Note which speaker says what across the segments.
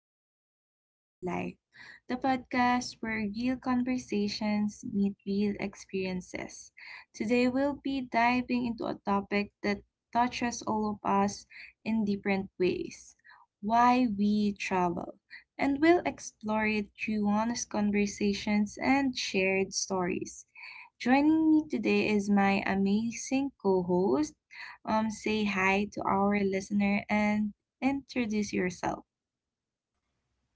Speaker 1: A to Relate in Life, the podcast where real conversations meet real experiences. Today, we'll be diving into a topic that touches all of us in different ways, why we travel. And we'll explore it through honest conversations and shared stories. Joining me today is my amazing co host Say hi to our listener and introduce yourself.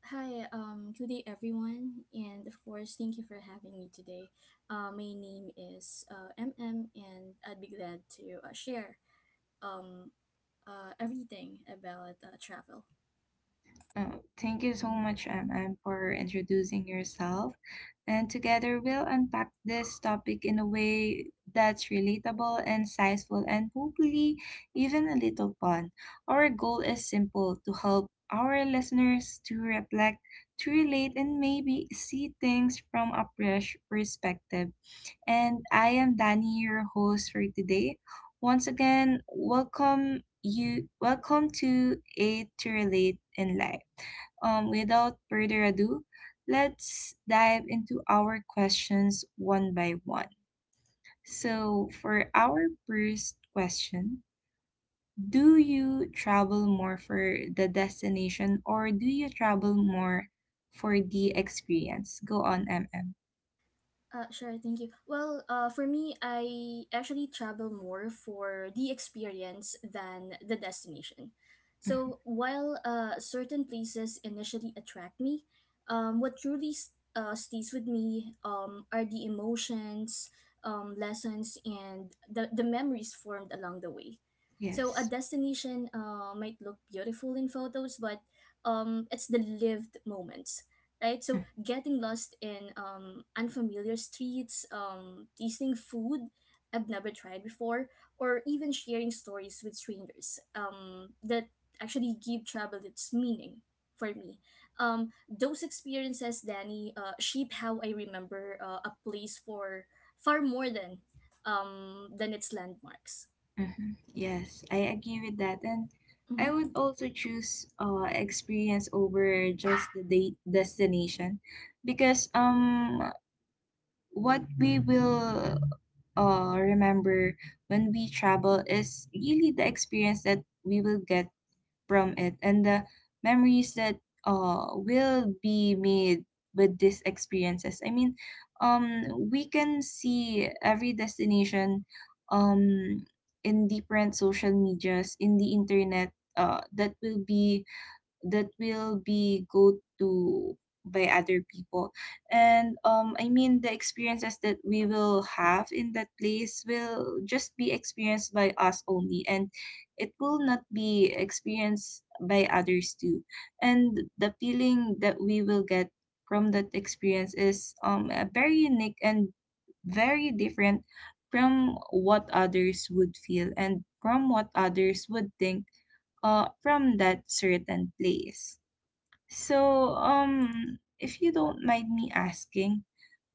Speaker 2: Hi, good day everyone, and of course, thank you for having me today. My name is MM, and I'd be glad to share um, everything about travel.
Speaker 1: Oh, thank you so much, MM, for introducing yourself. And together we'll unpack this topic in a way that's relatable, insightful, and hopefully even a little fun. Our goal is simple: to help our listeners to reflect, to relate, and maybe see things from a fresh perspective. And I am Danny, your host for today. Once again, welcome to A to Relate in Life. Without further ado, let's dive into our questions one by one. So, for our first question, do you travel more for the destination or do you travel more for the experience? Go on, MM.
Speaker 2: Sure, thank you. Well, for me, I actually travel more for the experience than the destination. So while certain places initially attract me, what truly stays with me are the emotions, lessons, and the memories formed along the way. So a
Speaker 1: Yes.
Speaker 2: destination might look beautiful in photos, but it's the lived moments, right?
Speaker 1: Uh,
Speaker 2: So getting lost in unfamiliar streets, tasting food I've never tried before, or even sharing stories with strangers that actually give travel its meaning for me. Those experiences, Danny, shape how I remember a place for far more than its landmarks.
Speaker 1: mm-hmm. Yes, I agree with that. And
Speaker 2: Mm-hmm.
Speaker 1: I would also choose experience over just the date destination because, what we will remember when we travel is really the experience that we will get from it, and the memories that will be made with these experiences. I mean, um, we can see every destination, um, in different social medias, in the internet, that will be go to by other people. And I mean, the experiences that we will have in that place will just be experienced by us only, and it will not be experienced by others too. And the feeling that we will get from that experience is very unique and very different from what others would feel and from what others would think, from that certain place. So, if you don't mind me asking,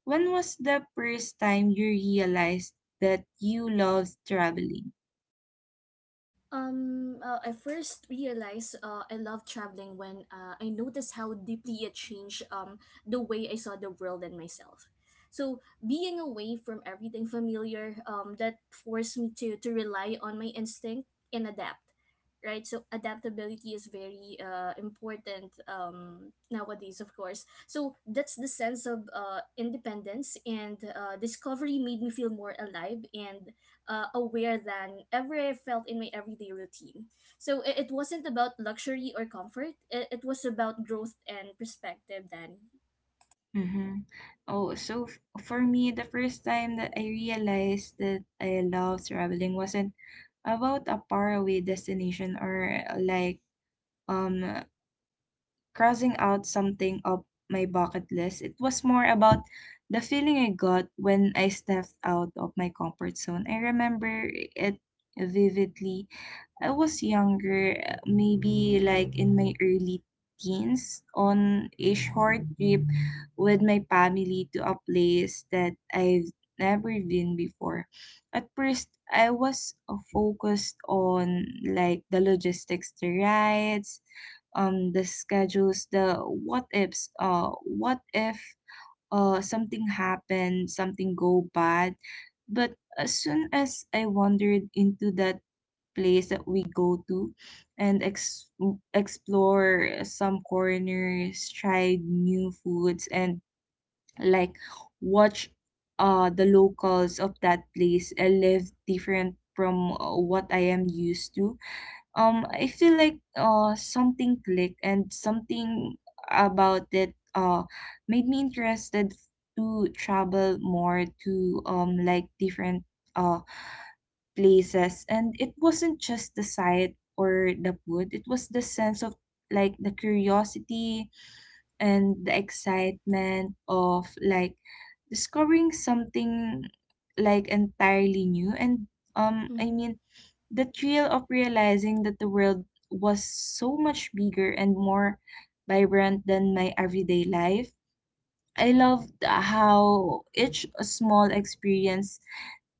Speaker 1: when was the first time you realized that you loved traveling?
Speaker 2: I first realized I love traveling when I noticed how deeply it changed the way I saw the world and myself. So being away from everything familiar, that forced me to rely on my instinct and adapt, right? So adaptability is very important nowadays, of course. So that's the sense of independence and discovery made me feel more alive and aware than ever I felt in my everyday routine. So it wasn't about luxury or comfort, it was about growth and perspective, then.
Speaker 1: Mm-hmm. Oh, so for me, the first time that I realized that I love traveling wasn't about a faraway destination or um crossing out something off my bucket list. It was more about the feeling I got when I stepped out of my comfort zone. I remember it vividly. I was younger, maybe like in my early teens, on a short trip with my family to a place that I've never been before. At first, I was focused on like the logistics, the rides, the schedules, the what ifs, what if something happened, something go bad? But as soon as I wandered into that place that we go to and explore some corners, tried new foods, and like watch the locals of that place live different from what I am used to, I feel like something clicked, and something about it made me interested to travel more to, different uh places. And it wasn't just the sight or the food, it was the sense of like the curiosity and the excitement of like discovering something like entirely new. And um I
Speaker 2: Mm-hmm.
Speaker 1: mean the thrill of realizing that the world was so much bigger and more vibrant than my everyday life. I loved how each small experience,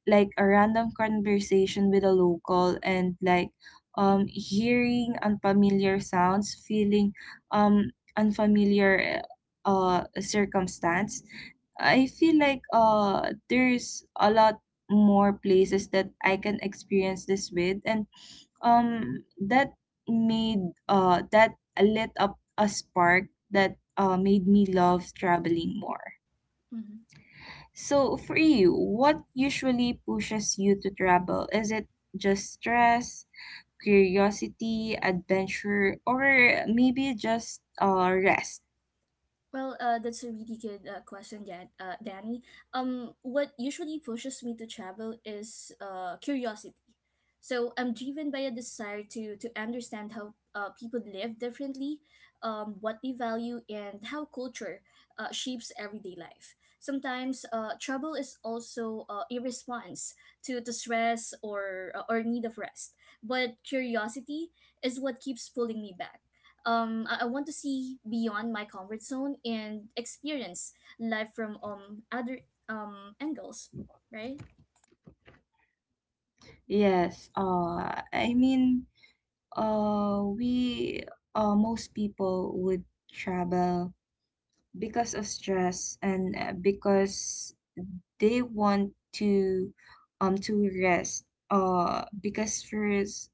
Speaker 1: like a random conversation with a local, and like hearing unfamiliar sounds, feeling unfamiliar circumstance, I feel like there's a lot more places that I can experience this with. And that made that lit up a spark that, made me love traveling more. So for you, what usually pushes you to travel? Is it just stress, curiosity, adventure, or maybe just rest?
Speaker 2: Well, that's a really good question, Danny. What usually pushes me to travel is curiosity. So I'm driven by a desire to understand how people live differently, what they value, and how culture shapes everyday life. Sometimes travel is also a response to the stress or need of rest, but curiosity is what keeps pulling me back. I want to see beyond my comfort zone and experience life from other angles, right?
Speaker 1: Yes. I mean we Most people would travel because of stress, and because they want to, to rest, because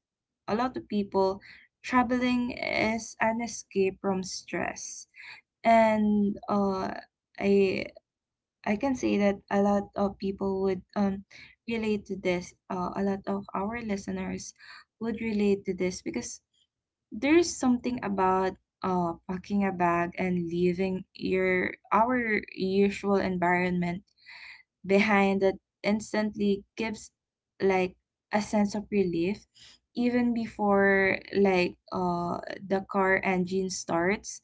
Speaker 1: a lot of people, traveling is an escape from stress. And i I can say that a lot of people would, relate to this, a lot of our listeners would relate to this, because there's something about packing a bag and leaving your our usual environment behind that instantly gives like a sense of relief, even before like the car engine starts.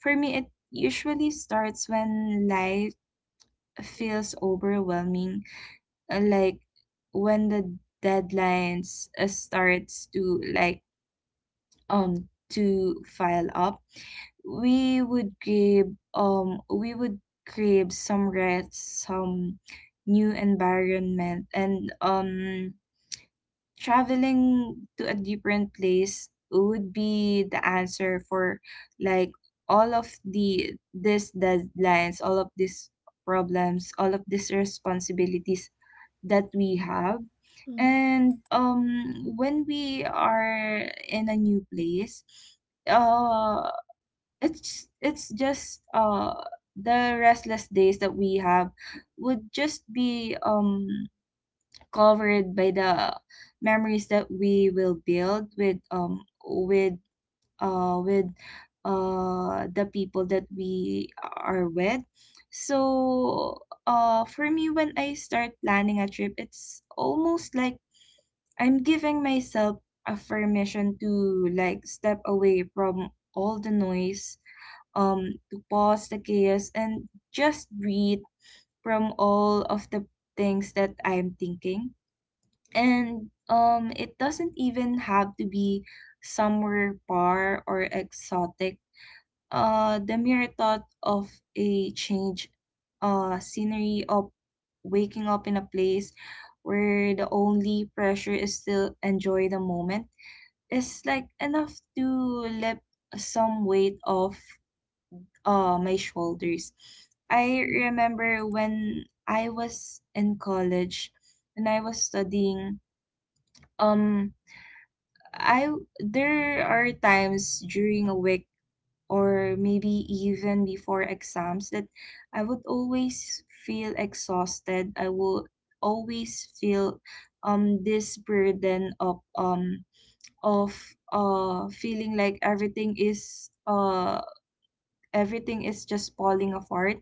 Speaker 1: For me, it usually starts when life feels overwhelming, like when the deadlines starts to like, to file up. We would grab some rest, some new environment, and traveling to a different place would be the answer for like all of the this deadlines, all of these problems, all of these responsibilities that we have.
Speaker 2: Mm-hmm,
Speaker 1: And when we are in a new place, uh, it's just the restless days that we have would just be covered by the memories that we will build with, uh with the people that we are with. So for me, when I start planning a trip, it's almost like I'm giving myself a permission to like step away from all the noise, to pause the chaos and just breathe from all of the things that I'm thinking. And it doesn't even have to be somewhere far or exotic. The mere thought of a change, scenery of waking up in a place where the only pressure is still enjoy the moment, is like enough to lift some weight off my shoulders. I
Speaker 2: mm-hmm,
Speaker 1: remember when I was in college, when I was studying, um, I there are times during a week or maybe even before exams that I would always feel exhausted. I would always feel this burden of feeling like everything is just falling apart.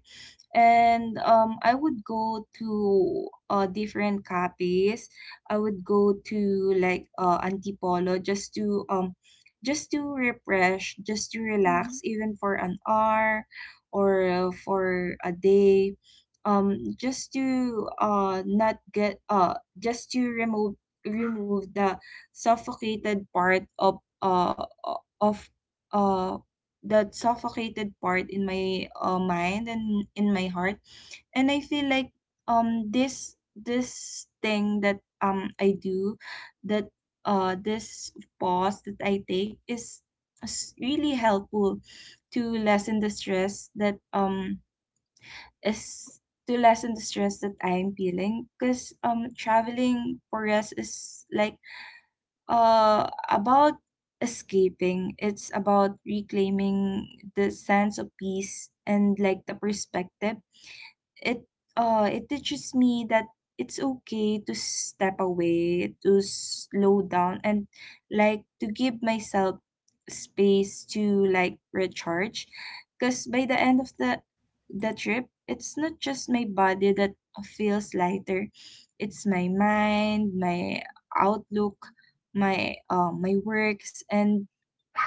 Speaker 1: And I would go to different cafes. I would go to like, Antipolo, just to refresh, just to
Speaker 2: mm-hmm,
Speaker 1: relax, even for an hour or for a day. Just to not get just to remove remove the suffocated part of uh that suffocated part in my, mind and in my heart. And I feel like, this thing that, I do, that, this pause that I take is really helpful to lessen the stress that is to lessen the stress that I'm feeling, because um, traveling for us is like, about escaping. It's about reclaiming the sense of peace and like the perspective. it, it teaches me that it's okay to step away, to slow down, and like to give myself space to like recharge. Because by the end of the trip, it's not just my body that feels lighter. It's my mind, my outlook, my my works, and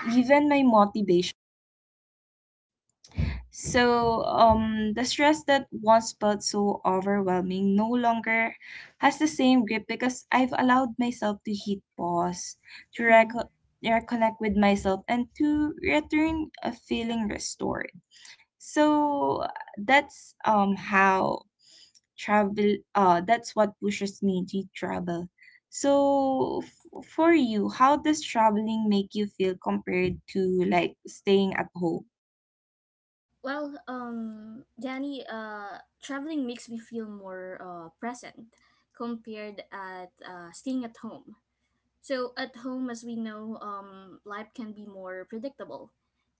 Speaker 1: even my motivation. So the stress that once felt so overwhelming no longer has the same grip, because I've allowed myself to hit pause, to
Speaker 2: mm-hmm.
Speaker 1: reconnect with myself, and to return a feeling restored. So that's how travel. That's what pushes me to travel. So for you, how does traveling make you feel compared to like staying at home?
Speaker 2: Well, Danny, traveling makes me feel more present compared at staying at home. So at home, as we know, life can be more predictable,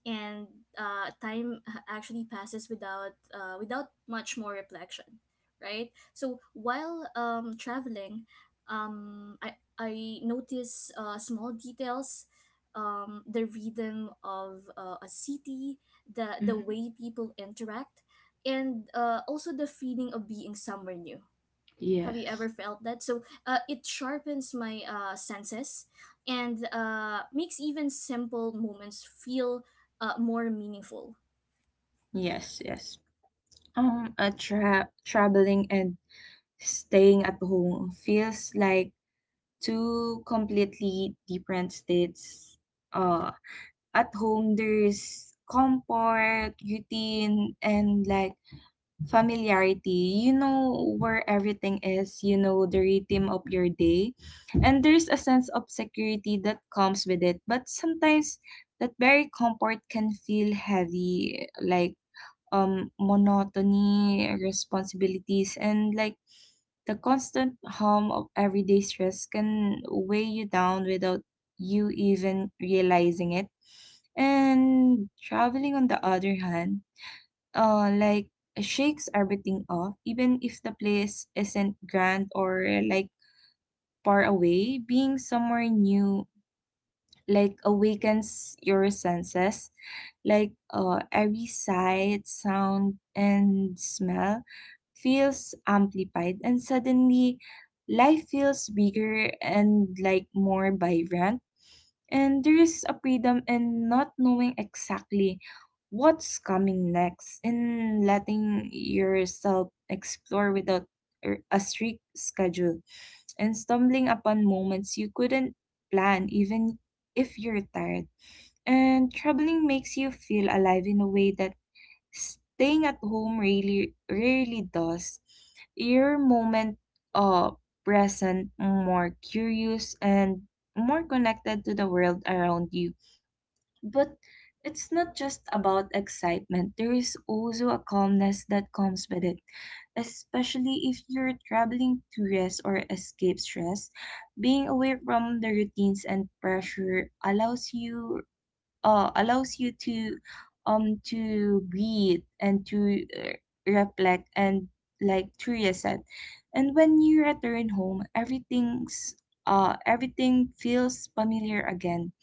Speaker 2: and time actually passes without without much more reflection, right? So while traveling, I notice small details, the rhythm of a city, the way people interact, and also the feeling of being somewhere new. Have you
Speaker 1: Yes.
Speaker 2: ever felt that? So it sharpens my senses and makes even simple moments feel more meaningful.
Speaker 1: Yes, yes. A traveling and staying at home feels like two completely different states. Uh, at home there's comfort, routine, and like familiarity. You know where everything is. You know the rhythm of your day, and there's a sense of security that comes with it. But sometimes that very comfort can feel heavy, like, monotony, responsibilities, and like the constant hum of everyday stress can weigh you down without you even realizing it. And traveling, on the other hand, uh, like shakes everything off, even if the place isn't grand or like far away. Being somewhere new like awakens your senses, like every sight, sound, and smell feels amplified, and suddenly life feels bigger and like more vibrant. And there is a freedom in not knowing exactly what's coming next, in letting yourself explore without a strict schedule, and stumbling upon moments you couldn't plan even if you're tired. And traveling makes you feel alive in a way that staying at home really rarely does. Your moment uh present, more curious, and more connected to the world around you. But it's not just about excitement. There is also a calmness that comes with it, especially if you're traveling to rest or escape stress. Being away from the routines and pressure allows you to, to breathe, and to reflect, and like to reset. And when you return home, everything feels familiar again,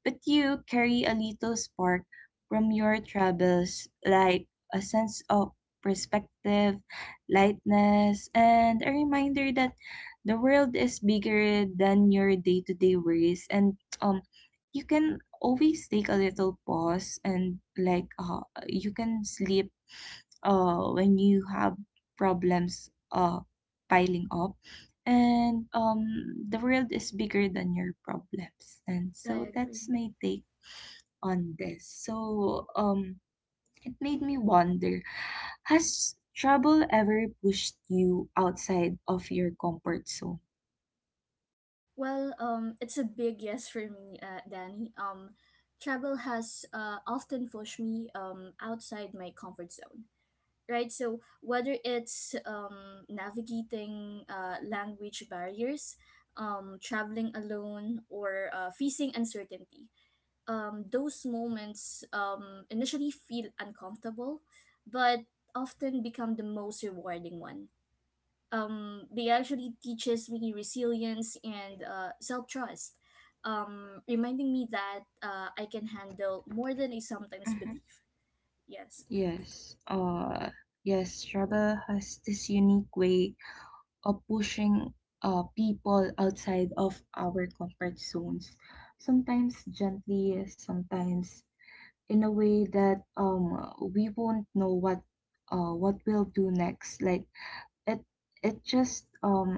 Speaker 1: but you carry a little spark from your troubles, like a sense of perspective, lightness, and a reminder that the world is bigger than your day to day worries. And You can always take a little pause, and you can sleep when you have problems piling up, and the world is bigger than your problems. And
Speaker 2: I
Speaker 1: so
Speaker 2: agree.
Speaker 1: that's my take on this. So it made me wonder, has trouble ever pushed you outside of your comfort zone?
Speaker 2: Well, it's a big yes for me, Danny. Travel has often pushed me outside my comfort zone. Right, so whether it's navigating language barriers, traveling alone, or facing uncertainty, those moments initially feel uncomfortable, but often become the most rewarding one. They actually teaches me resilience and self-trust, reminding me that I can handle more than I sometimes
Speaker 1: Hmm.
Speaker 2: believe. Yes.
Speaker 1: Yes. Yes, trouble has this unique way of pushing people outside of our comfort zones, sometimes gently, sometimes in a way that we won't know what we'll do next. Like it it just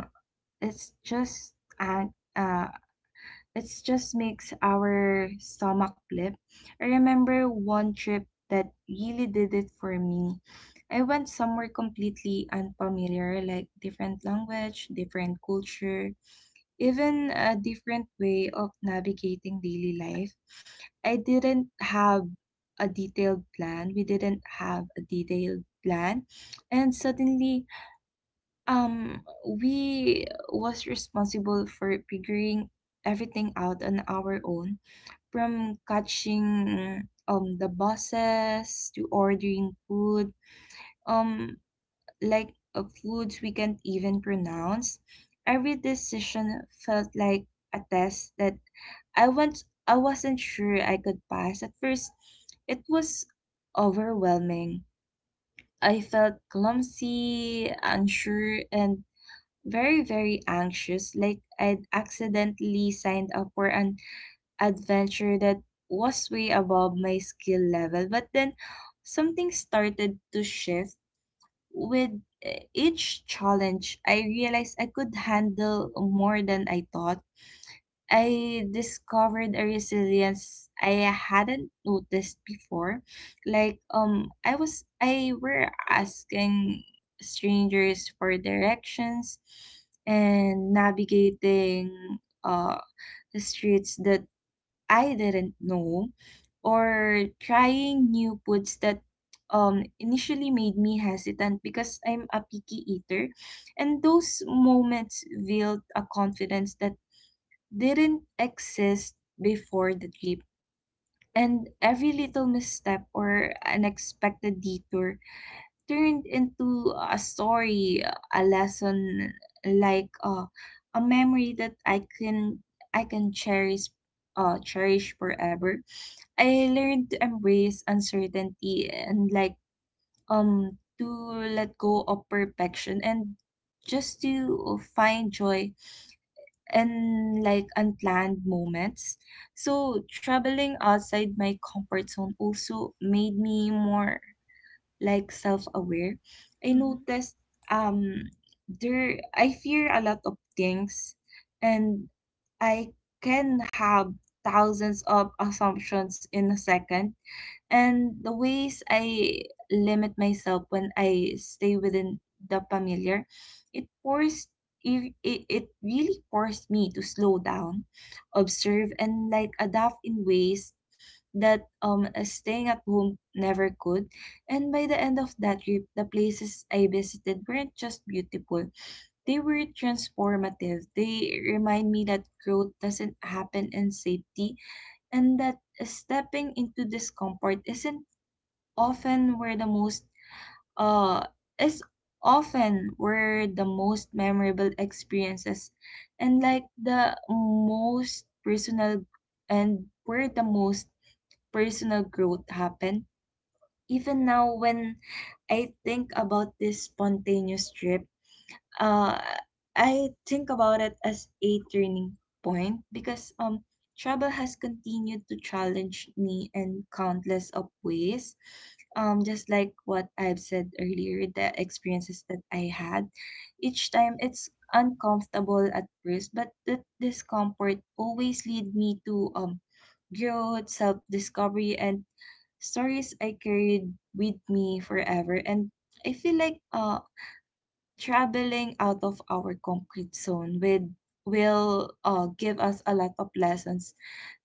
Speaker 1: it's just uh, uh it's just makes our stomach flip. I remember one trip that really did it for me. I went somewhere completely unfamiliar, like different language, different culture, even a different way of navigating daily life. I didn't have a detailed plan. We didn't have a detailed plan. And suddenly, we was responsible for figuring everything out on our own, from catching the buses to ordering food. Um, like of foods we can't even pronounce. Every decision felt like a test that I wasn't sure I could pass. At first, it was overwhelming. I felt clumsy, unsure, and very, very anxious, like I'd accidentally signed up for an adventure that was way above my skill level. But then something started to shift. With each challenge, I realized I could handle more than I thought. I discovered a resilience I hadn't noticed before. Like I were asking strangers for directions and navigating uh the streets that I didn't know, or trying new foods that initially made me hesitant because I'm a picky eater. And those moments built a confidence that didn't exist before the trip. And every little misstep or unexpected detour turned into a story, a lesson, like uh, a memory that I can cherish, cherish forever. I learned to embrace uncertainty, and to let go of perfection and just to find joy in like unplanned moments. So traveling outside my comfort zone also made me more like self-aware. I
Speaker 2: Mm-hmm.
Speaker 1: noticed um there, I fear a lot of things, and I can have thousands of assumptions in a second, and the ways I limit myself when I stay within the familiar. It forced, it really forced me to slow down, observe, and like adapt in ways that staying at home never could. And by the end of that trip, the places I visited weren't just beautiful. They were transformative. They remind me that growth doesn't happen in safety, and that stepping into discomfort isn't often where the most uh is often where the most memorable experiences, and like the most personal and where the most personal growth happen. Even now when I think about this spontaneous trip, uh, I think about it as a turning point, because travel has continued to challenge me in countless of ways. Just like what I've said earlier, the experiences that I had, each time it's uncomfortable at first, but that discomfort always lead me to growth, self discovery, and stories I carried with me forever. And I feel like traveling out of our comfort zone with will give us a lot of lessons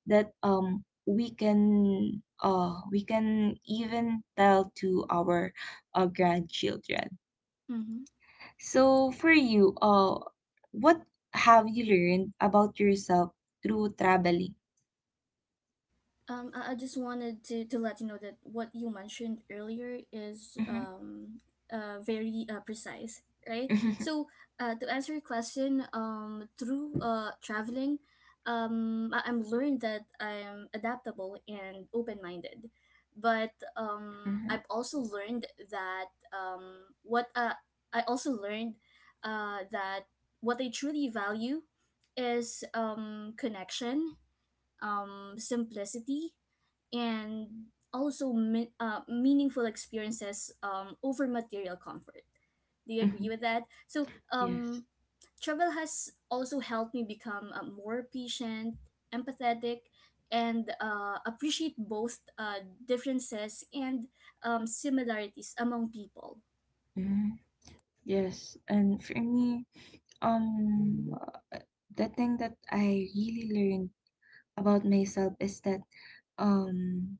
Speaker 1: that we can we can even tell to our grandchildren.
Speaker 2: Mm-hmm.
Speaker 1: So for you, what have you learned about yourself through traveling?
Speaker 2: I just wanted to let you know that what you mentioned earlier is
Speaker 1: Mm-hmm.
Speaker 2: very precise, right? So, to answer your question, through traveling, I, I'm learned that I'm adaptable and open minded. But
Speaker 1: Mm-hmm.
Speaker 2: I've also learned that what I also learned that what I truly value is connection, simplicity, and also meaningful experiences over material comfort. Do you
Speaker 1: Mm-hmm.
Speaker 2: agree with that? So,
Speaker 1: Yes.
Speaker 2: travel has also helped me become more patient, empathetic, and appreciate both differences and similarities among people.
Speaker 1: Mm-hmm. Yes, and for me, um the thing that I really learned about myself is that um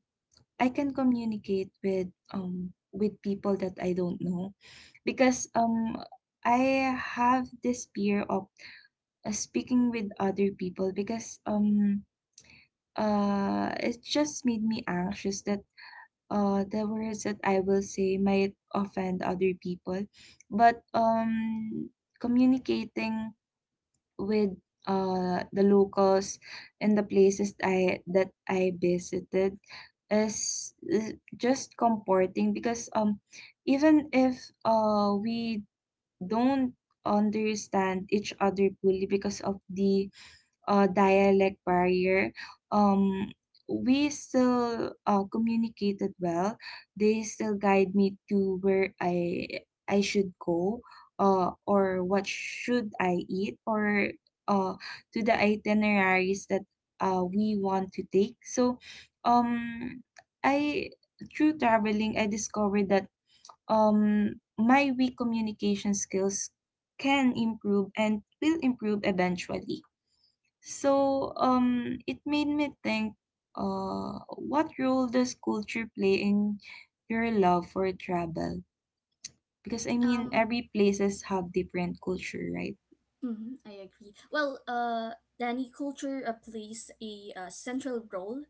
Speaker 1: I can communicate with people that I don't know, because I have this fear of speaking with other people, because it just made me anxious that the words that I will say might offend other people. But communicating with the locals in the places I that I visited is just comforting, because even if we don't understand each other fully because of the dialect barrier, um, we still communicated well. They still guide me to where I should go, or what should I eat, or uh, to the itineraries that we want to take. So, um, I through traveling, I discovered that my weak communication skills can improve and will improve eventually. So it made me think, what role does culture play in your love for travel? Because I mean,
Speaker 2: Um,
Speaker 1: every places have different culture, right?
Speaker 2: mhm, I agree. Well, Danny, culture plays a central role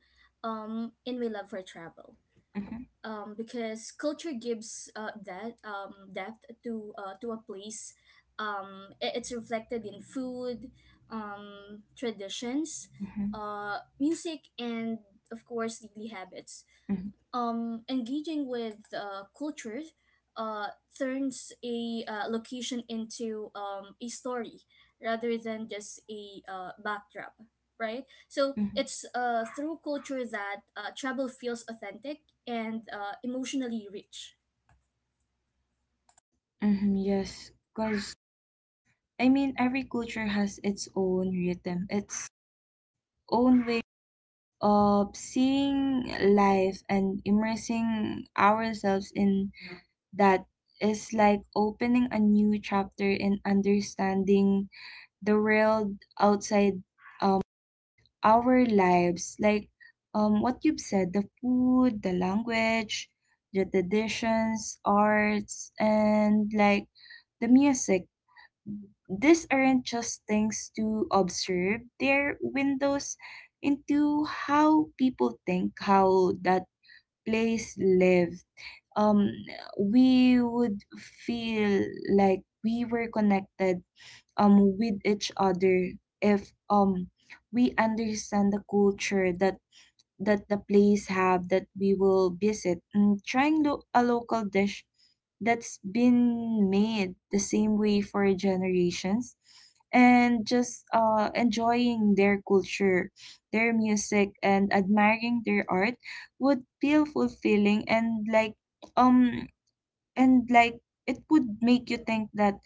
Speaker 2: in my love for travel
Speaker 1: Mm-hmm,
Speaker 2: because culture gives that depth to a place. It's reflected in food, traditions,
Speaker 1: mm-hmm,
Speaker 2: music, and of course daily habits.
Speaker 1: mm-hmm,
Speaker 2: Engaging with culture uh, turns a location into a story rather than just a backdrop, right? So
Speaker 1: mm-hmm,
Speaker 2: it's through culture that travel feels authentic and emotionally rich.
Speaker 1: mm-hmm, yes, because I mean, every culture has its own rhythm, its own way of seeing life, and immersing ourselves in that is like opening a new chapter in understanding the world outside um our lives. Like what you've said, the food, the language, the traditions, arts, and like the music, these aren't just things to observe, they're windows into how people think, how that place lived. um we would feel like we were connected with each other if we understand the culture that the place have that we will visit. And trying a local dish that's been made the same way for generations, and just enjoying their culture, their music, and admiring their art would feel fulfilling. And um and like it would make you think that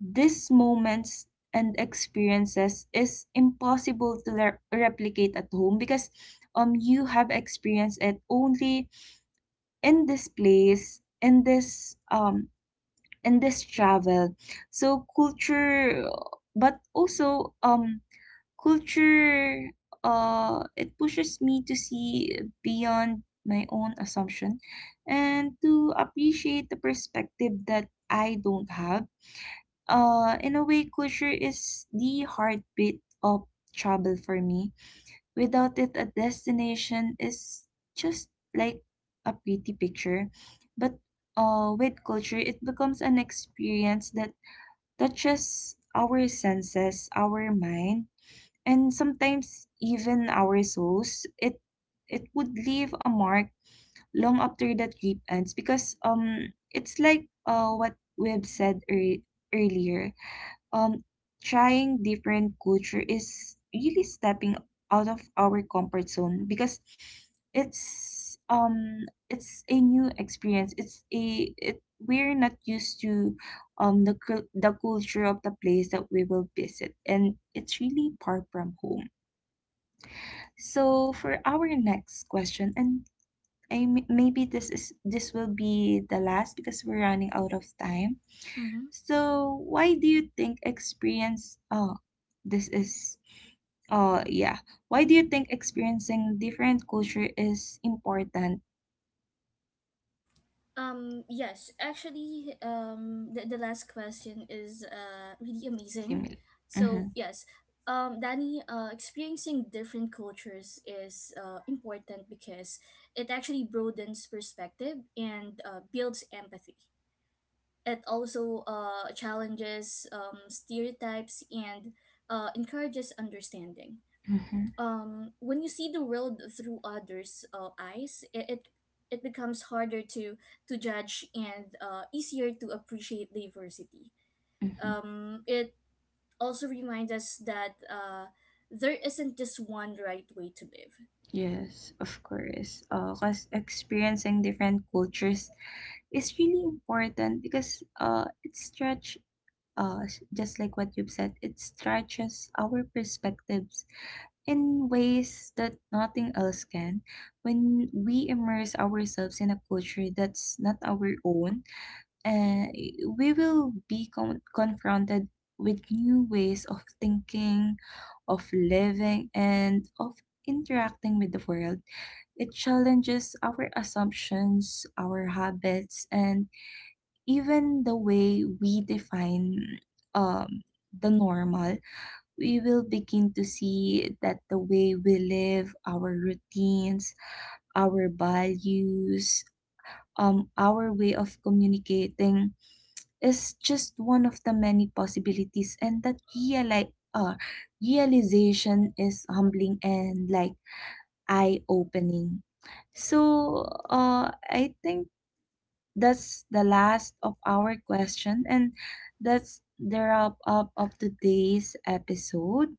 Speaker 1: these moments and experiences is impossible to replicate at home, because you have experienced it only in this place, in this travel. So culture, but also culture, it pushes me to see beyond my own assumption and to appreciate the perspective that I don't have. In a way, culture is the heartbeat of travel for me. Without it, a destination is just like a pretty picture. But with culture, it becomes an experience that touches our senses, our mind, and sometimes even our souls. It would leave a mark long after the trip ends, because it's like what we have said earlier, um trying different culture is really stepping out of our comfort zone, because it's um it's a new experience. It's a it, we're not used to the the culture of the place that we will visit, and it's really far from home. So for our next question, and I, maybe this will be the last, because we're running out of time.
Speaker 2: Mm-hmm.
Speaker 1: So, why do you think experience? Oh, this is. Oh, yeah. Why do you think experiencing different culture is important?
Speaker 2: Yes, actually, the last question is really amazing.
Speaker 1: Similar. Mm-hmm,
Speaker 2: So, yes, Danny, experiencing different cultures is important because it actually broadens perspective and builds empathy. It also challenges stereotypes and encourages understanding.
Speaker 1: mm-hmm,
Speaker 2: When you see the world through others eyes, it becomes harder to judge and easier to appreciate diversity.
Speaker 1: mm-hmm.
Speaker 2: It also reminds us that there isn't just one right way to live.
Speaker 1: Yes, of course. Cause experiencing different cultures is really important because it stretch, just like what you've said, it stretches our perspectives in ways that nothing else can. When we immerse ourselves in a culture that's not our own, uh, we will be confronted with new ways of thinking, of living, and of interacting with the world. It challenges our assumptions, our habits, and even the way we define um, the normal. We will begin to see that the way we live, our routines, our values, our way of communicating is just one of the many possibilities, and that realization is humbling and like eye opening. So, I think that's the last of our question, and that's the wrap up of today's episode.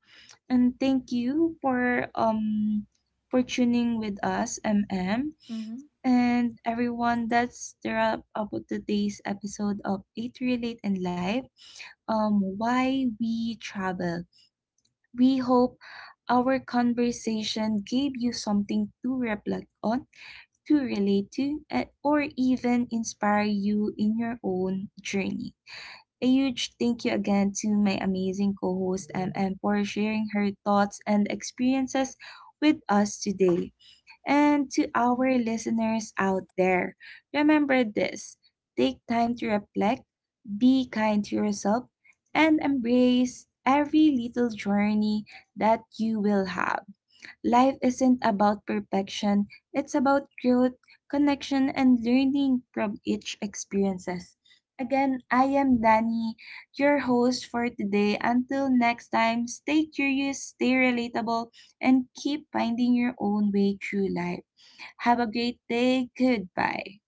Speaker 1: And thank you for tuning with us, MM.
Speaker 2: Mm-hmm.
Speaker 1: And everyone, that's the wrap up of today's episode of Eight Relate in Life. Why we travel. We hope our conversation gave you something to reflect on, to relate to, and, or even inspire you in your own journey. A huge thank you again to my amazing co host, MM, for sharing her thoughts and experiences with us today. And to our
Speaker 2: Mm-hmm.
Speaker 1: listeners out there, remember this, take time to reflect, be kind to yourself, and embrace every little journey that you will have. Life isn't about perfection, it's about growth, connection, and learning from each experiences. Again, I am Danny, your host for today. Until next time, stay curious, stay relatable, and keep finding your own way through life. Have a great day. Goodbye.